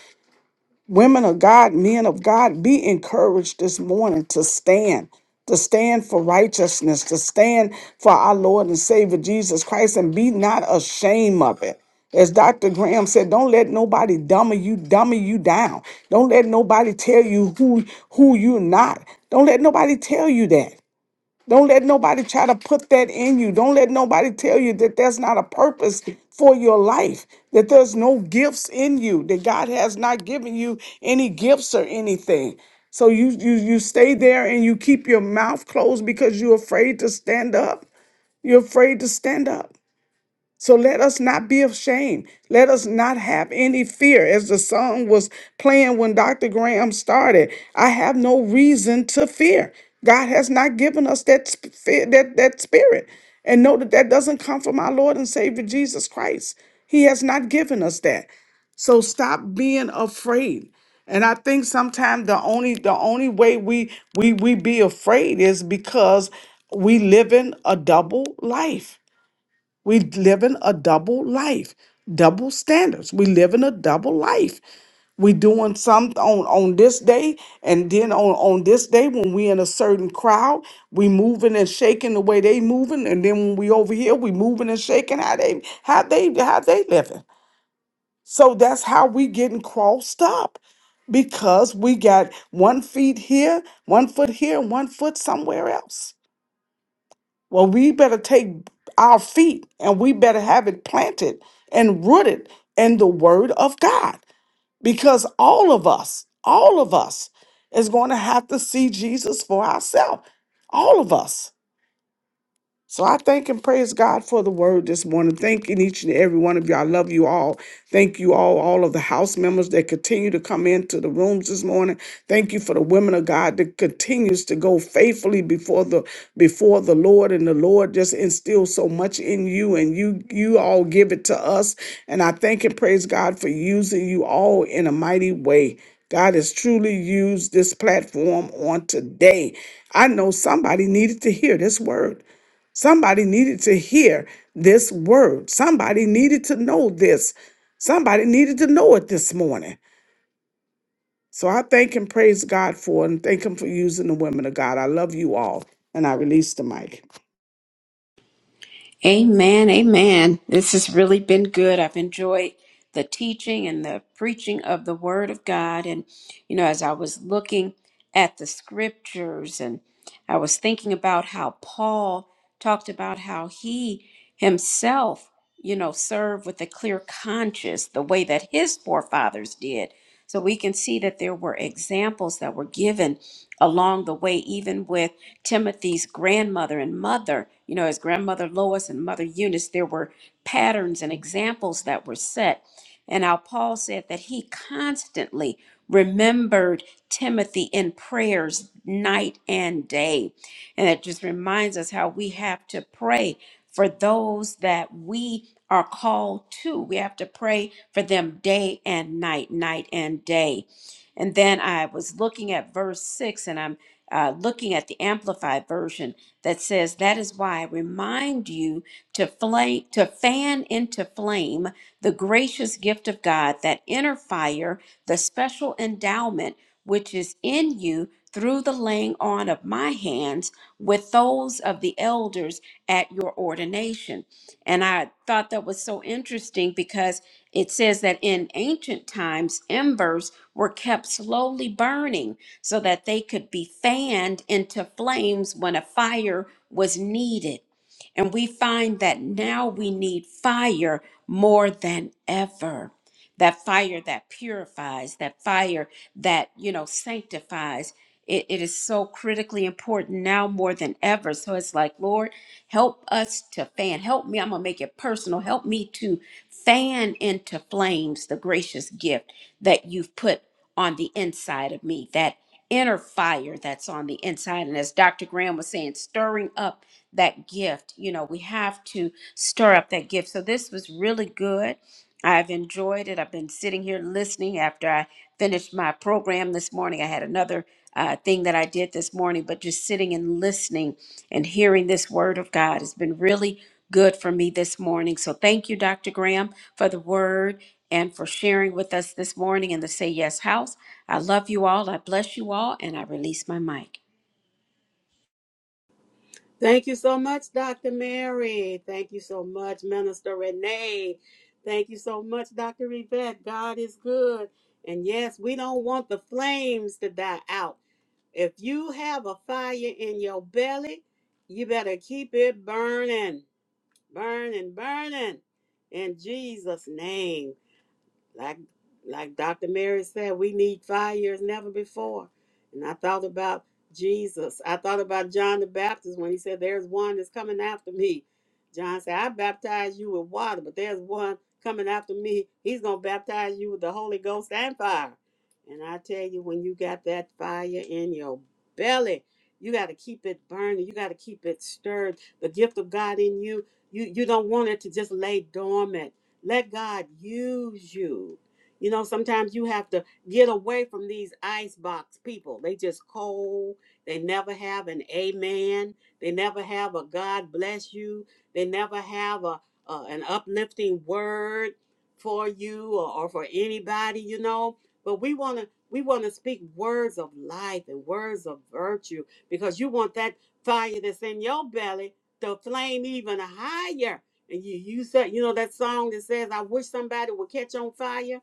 Women of God, men of God, be encouraged this morning to stand, to stand for righteousness, to stand for our Lord and Savior Jesus Christ, and be not ashamed of it. As Dr. Graham said, don't let nobody dummy you, dummy you down. Don't let nobody tell you who who you're not. Don't let nobody tell you that. Don't let nobody try to put that in you. Don't let nobody tell you that there's not a purpose for your life, that there's no gifts in you, that God has not given you any gifts or anything. So you you you stay there and you keep your mouth closed because you're afraid to stand up. You're afraid to stand up. So let us not be ashamed. Let us not have any fear. As the song was playing when Dr. Graham started, I have no reason to fear. God has not given us that sp- fear, that that spirit. And know that that doesn't come from our Lord and Savior Jesus Christ. He has not given us that. So stop being afraid. And I think sometimes the only the only way we we we be afraid is because we live in a double life. We live in a double life, double standards. We live in a double life. We doing something on, on this day, and then on, on this day when we in a certain crowd, we moving and shaking the way they moving, and then when we over here, we moving and shaking how they how they how they living. So that's how we getting crossed up because we got one feet here, one foot here, and one foot somewhere else. Well, we better take our feet and we better have it planted and rooted in the Word of God because all of us, all of us is going to have to see Jesus for ourselves. All of us. So I thank and praise God for the word this morning. Thanking each and every one of you. I love you all. Thank you all, all of the house members that continue to come into the rooms this morning. Thank you for the women of God that continues to go faithfully before the before the Lord. And the Lord just instills so much in you. And you you all give it to us. And I thank and praise God for using you all in a mighty way. God has truly used this platform on today. I know somebody needed to hear this word. Somebody needed to hear this word. Somebody needed to know this. Somebody needed to know it this morning. So I thank and praise God for it and thank Him for using the women of God. I love you all. And I release the mic.
Amen. Amen. This has really been good. I've enjoyed the teaching and the preaching of the Word of God. And, you know, as I was looking at the scriptures and I was thinking about how Paul talked about how he himself, you know, served with a clear conscience the way that his forefathers did. So we can see that there were examples that were given along the way, even with. Timothy's grandmother and mother, you know, his grandmother Lois and mother Eunice, there were patterns and examples that were set. And how Paul said that he constantly remembered Timothy in prayers night and day. And it just reminds us how we have to pray for those that we are called to. We have to pray for them day and night, night and day. And then I was looking at verse 6 and I'm uh, looking at the amplified version that says that is why i remind you to flame to fan into flame the gracious gift of God, that inner fire, the special endowment which is in you through the laying on of my hands with those of the elders at your ordination. And I thought that was so interesting because it says that in ancient times, embers were kept slowly burning so that they could be fanned into flames when a fire was needed. And we find that now we need fire more than ever that fire that purifies, that fire that, you know, sanctifies. It, it is so critically important now more than ever. So it's like, Lord, help us to fan. Help me. I'm going to make it personal. Help me to fan into flames the gracious gift that you've put on the inside of me, that inner fire that's on the inside. And as Dr. Graham was saying, stirring up that gift, you know, we have to stir up that gift. So this was really good. I've enjoyed it. I've been sitting here listening after I finished my program this morning. I had another uh, thing that I did this morning, but just sitting and listening and hearing this word of God has been really good for me this morning. So thank you, Dr. Graham, for the word and for sharing with us this morning in the Say Yes House. I love you all. I bless you all, and I release my mic.
Thank you so much, Dr. Mary. Thank you so much, Minister Renee. Thank you so much, Dr. Yvette. God is good. And yes, we don't want the flames to die out. If you have a fire in your belly, you better keep it burning, burning, burning in Jesus' name like like Dr. Mary said, we need fire as never before. And I thought about Jesus. I thought about John the Baptist when he said, There's one that's coming after me. John said, I baptize you with water, but there's one coming after me. He's gonna baptize you with the Holy Ghost and fire. And I tell you, when you got that fire in your belly, you gotta keep it burning, you gotta keep it stirred. The gift of God in you, you you don't want it to just lay dormant let God use you. You know, sometimes you have to get away from these icebox people. They just cold. They never have an amen. They never have a God bless you. They never have a, a an uplifting word for you or, or for anybody, you know. But we want to we want to speak words of life and words of virtue because you want that fire that's in your belly to flame even higher and you use that, you know, that song that says, I wish somebody would catch on fire,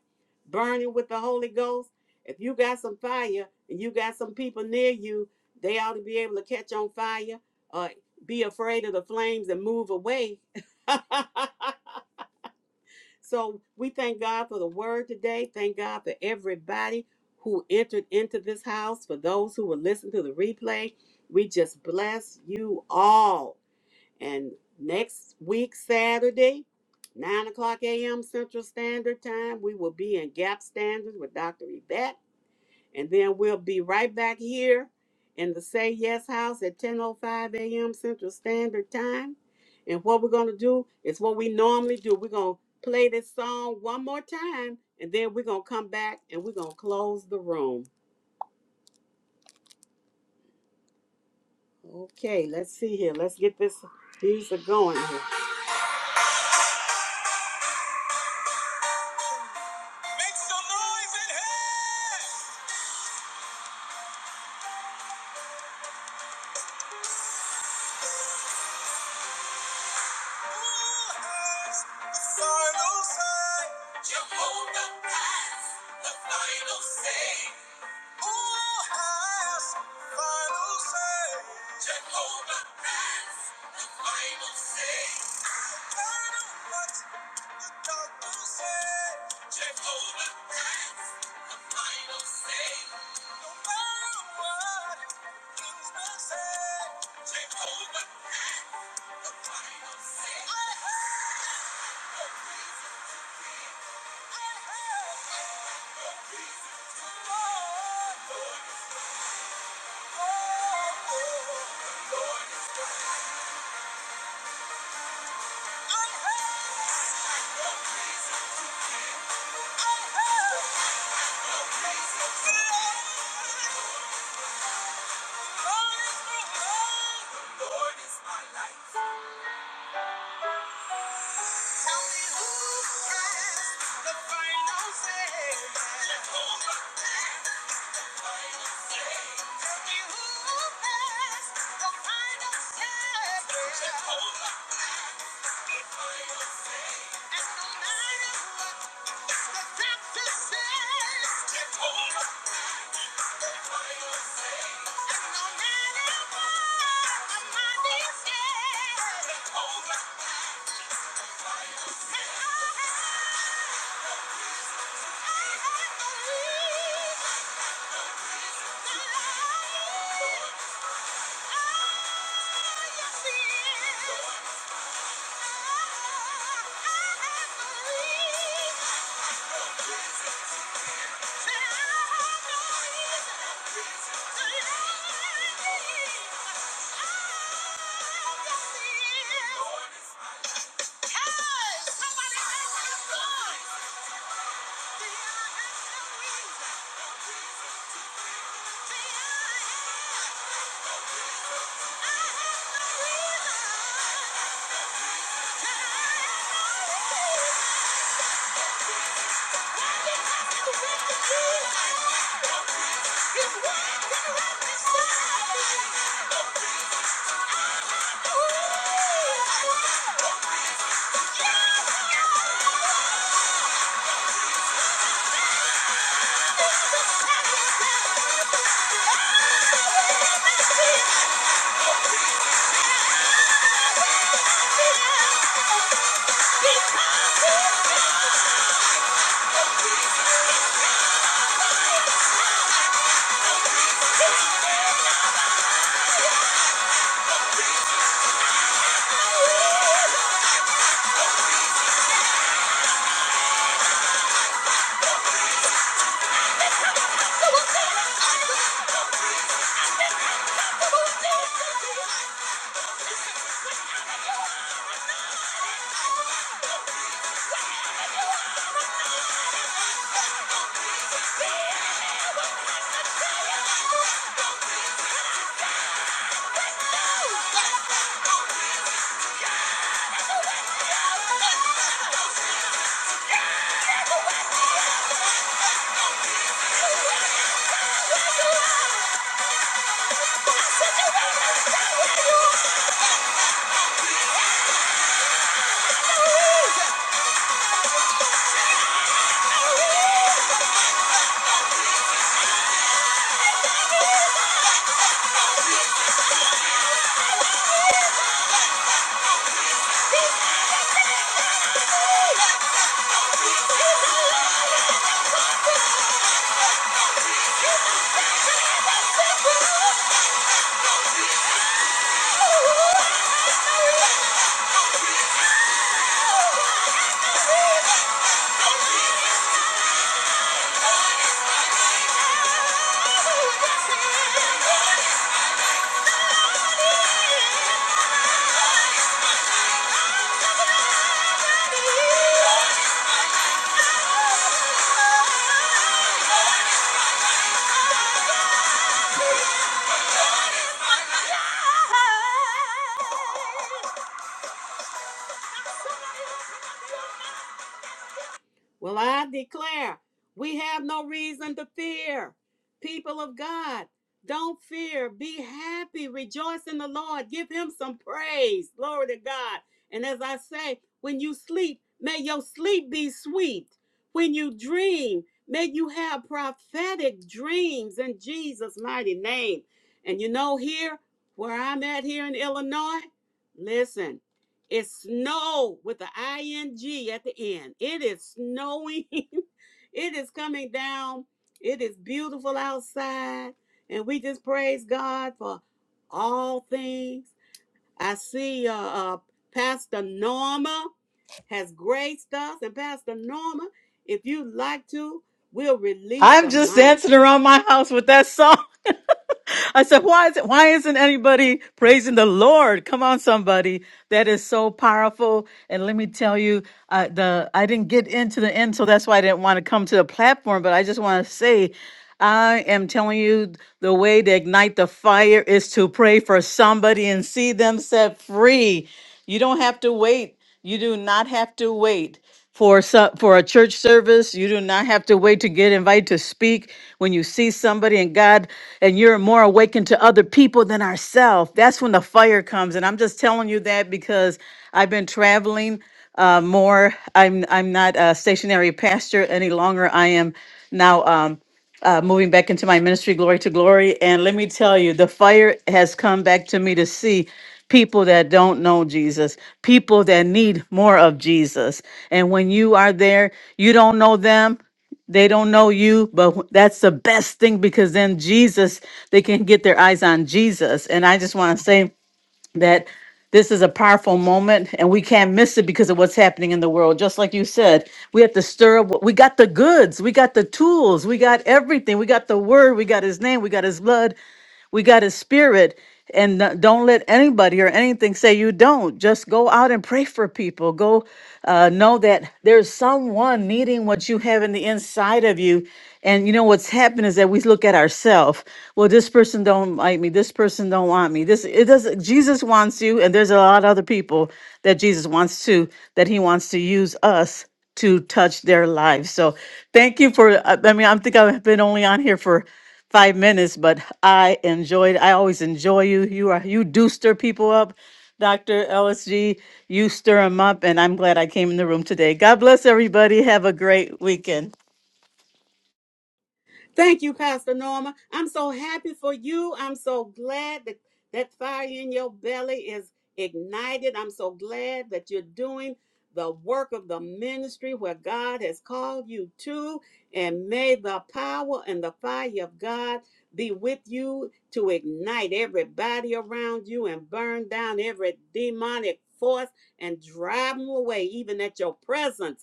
burning with the Holy Ghost. If you got some fire and you got some people near you, they ought to be able to catch on fire or be afraid of the flames and move away. so we thank God for the word today. Thank God for everybody who entered into this house, for those who will listen to the replay. We just bless you all. And next week, Saturday, 9 o'clock a.m. Central Standard Time, we will be in Gap Standards with Dr. Yvette. And then we'll be right back here in the Say Yes House at 10.05 a.m. Central Standard Time. And what we're going to do is what we normally do. We're going to play this song one more time, and then we're going to come back and we're going to close the room. Okay, let's see here. Let's get this music going here. Make some noise in here! final say. Jehovah has the final say. Who has final say? Jehovah has the final say. No matter what the doctors say, Jehovah has the final say. No matter what things may say, Jehovah The Lord is my light. Tell me who has the final say. Tell me who has the final say. And no matter what the doctor says, and no matter what the money says, I, I believe. Yeah. Thank you. Thank you. Well, I declare we have no reason to fear. People of God, don't fear. Be happy. Rejoice in the Lord. Give him some praise. Glory to God. And as I say, when you sleep, may your sleep be sweet. When you dream, may you have prophetic dreams in Jesus' mighty name. And you know, here where I'm at here in Illinois, listen. It's snow with the ing at the end. It is snowing. it is coming down. It is beautiful outside, and we just praise God for all things. I see uh, uh, Pastor Norma has graced us, and Pastor Norma, if you'd like to, we'll release
I'm
the
just
mic.
dancing around my house with that song. I said, why is it, why isn't anybody praising the Lord? Come on, somebody. That is so powerful. And let me tell you, uh, the, I didn't get into the end. So that's why I didn't want to come to the platform, but I just want to say, I am telling you the way to ignite the fire is to pray for somebody and see them set free. You don't have to wait. You do not have to wait for some, for a church service. You do not have to wait to get invited to speak. When you see somebody and God, and you're more awakened to other people than ourselves, that's when the fire comes. And I'm just telling you that because I've been traveling uh, more. I'm I'm not a stationary pastor any longer. I am now. Um, uh, moving back into my ministry, glory to glory. And let me tell you, the fire has come back to me to see people that don't know Jesus, people that need more of Jesus. And when you are there, you don't know them. They don't know you, but wh- that's the best thing because then Jesus, they can get their eyes on Jesus. And I just want to say, that this is a powerful moment and we can't miss it because of what's happening in the world. Just like you said, we have to stir up. what- We got the goods, we got the tools, we got everything. We got the word, we got his name, we got his blood. We got his spirit. And uh, don't let anybody or anything say you don't. Just go out and pray for people. Go uh, know that there's someone needing what you have in the inside of you. And you know what's happened is that we look at ourselves. Well, this person don't like me. This person don't want me. This it doesn't. Jesus wants you, and there's a lot of other people that Jesus wants too. That He wants to use us to touch their lives. So thank you for, I I mean, I think I've been only on here for five minutes, but I enjoyed, I always enjoy you. You are, you do stir people up, Dr. LSG. You stir them up, and I'm glad I came in the room today. God bless everybody. Have a great weekend.
Thank you, Pastor Norma. I'm so happy for you. I'm so glad that that fire in your belly is ignited. I'm so glad that you're doing the work of the ministry where God has called you to. And may the power and the fire of God be with you to ignite everybody around you and burn down every demonic force and drive them away, even at your presence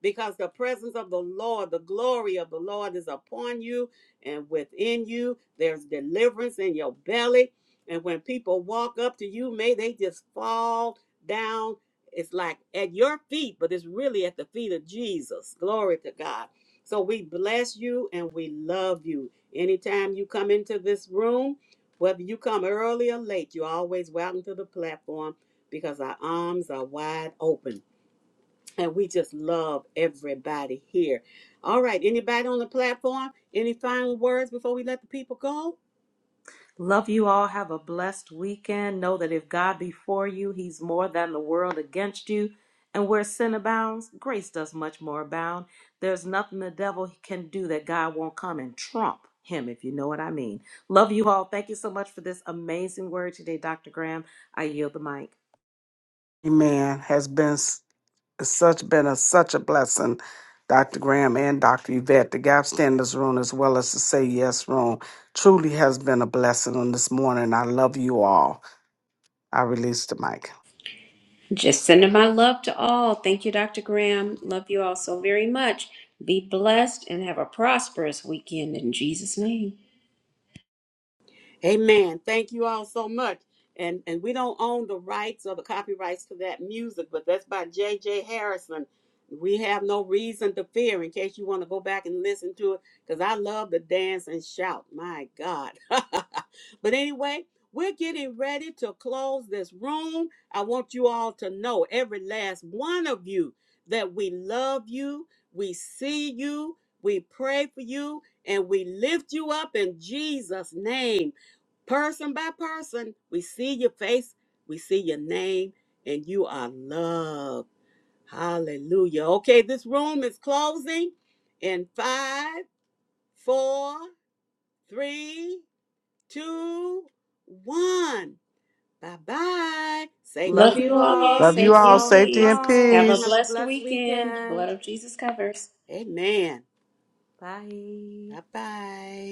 because the presence of the Lord, the glory of the Lord is upon you and within you. There's deliverance in your belly. And when people walk up to you, may they just fall down. It's like at your feet, but it's really at the feet of Jesus. Glory to God. So we bless you and we love you. Anytime you come into this room, whether you come early or late, you're always welcome to the platform because our arms are wide open and we just love everybody here. All right, anybody on the platform? Any final words before we let the people go?
Love you all. Have a blessed weekend. Know that if God be for you, he's more than the world against you. And where sin abounds, grace does much more abound. There's nothing the devil can do that God won't come and trump him, if you know what I mean. Love you all. Thank you so much for this amazing word today, Dr. Graham. I yield the mic.
Amen. Has been s- such been a such a blessing, Dr. Graham and Dr. Yvette, the Gap Standards Room, as well as the Say Yes Room. Truly has been a blessing on this morning. I love you all. I release the mic.
Just sending my love to all. Thank you, Dr. Graham. Love you all so very much. Be blessed and have a prosperous weekend in Jesus' name.
Amen. Thank you all so much. And and we don't own the rights or the copyrights to that music, but that's by J. J. Harrison. We have no reason to fear in case you want to go back and listen to it, because I love to dance and shout. My God. but anyway, we're getting ready to close this room. I want you all to know, every last one of you, that we love you, we see you, we pray for you, and we lift you up in Jesus' name person by person. We see your face, we see your name, and you are loved. Hallelujah. Okay, this room is closing in five, four, three, two, one. Bye bye. Safety
Love
and
Love
you
you all.
all.
Love you
peace.
Safety
all.
and
Shalom,
Safety
peace.
and
shalom.
Have a
Have
peace.
a
blessed
blessed
weekend. The
weekend.
blood of Jesus covers.
Amen.
Bye.
Bye bye.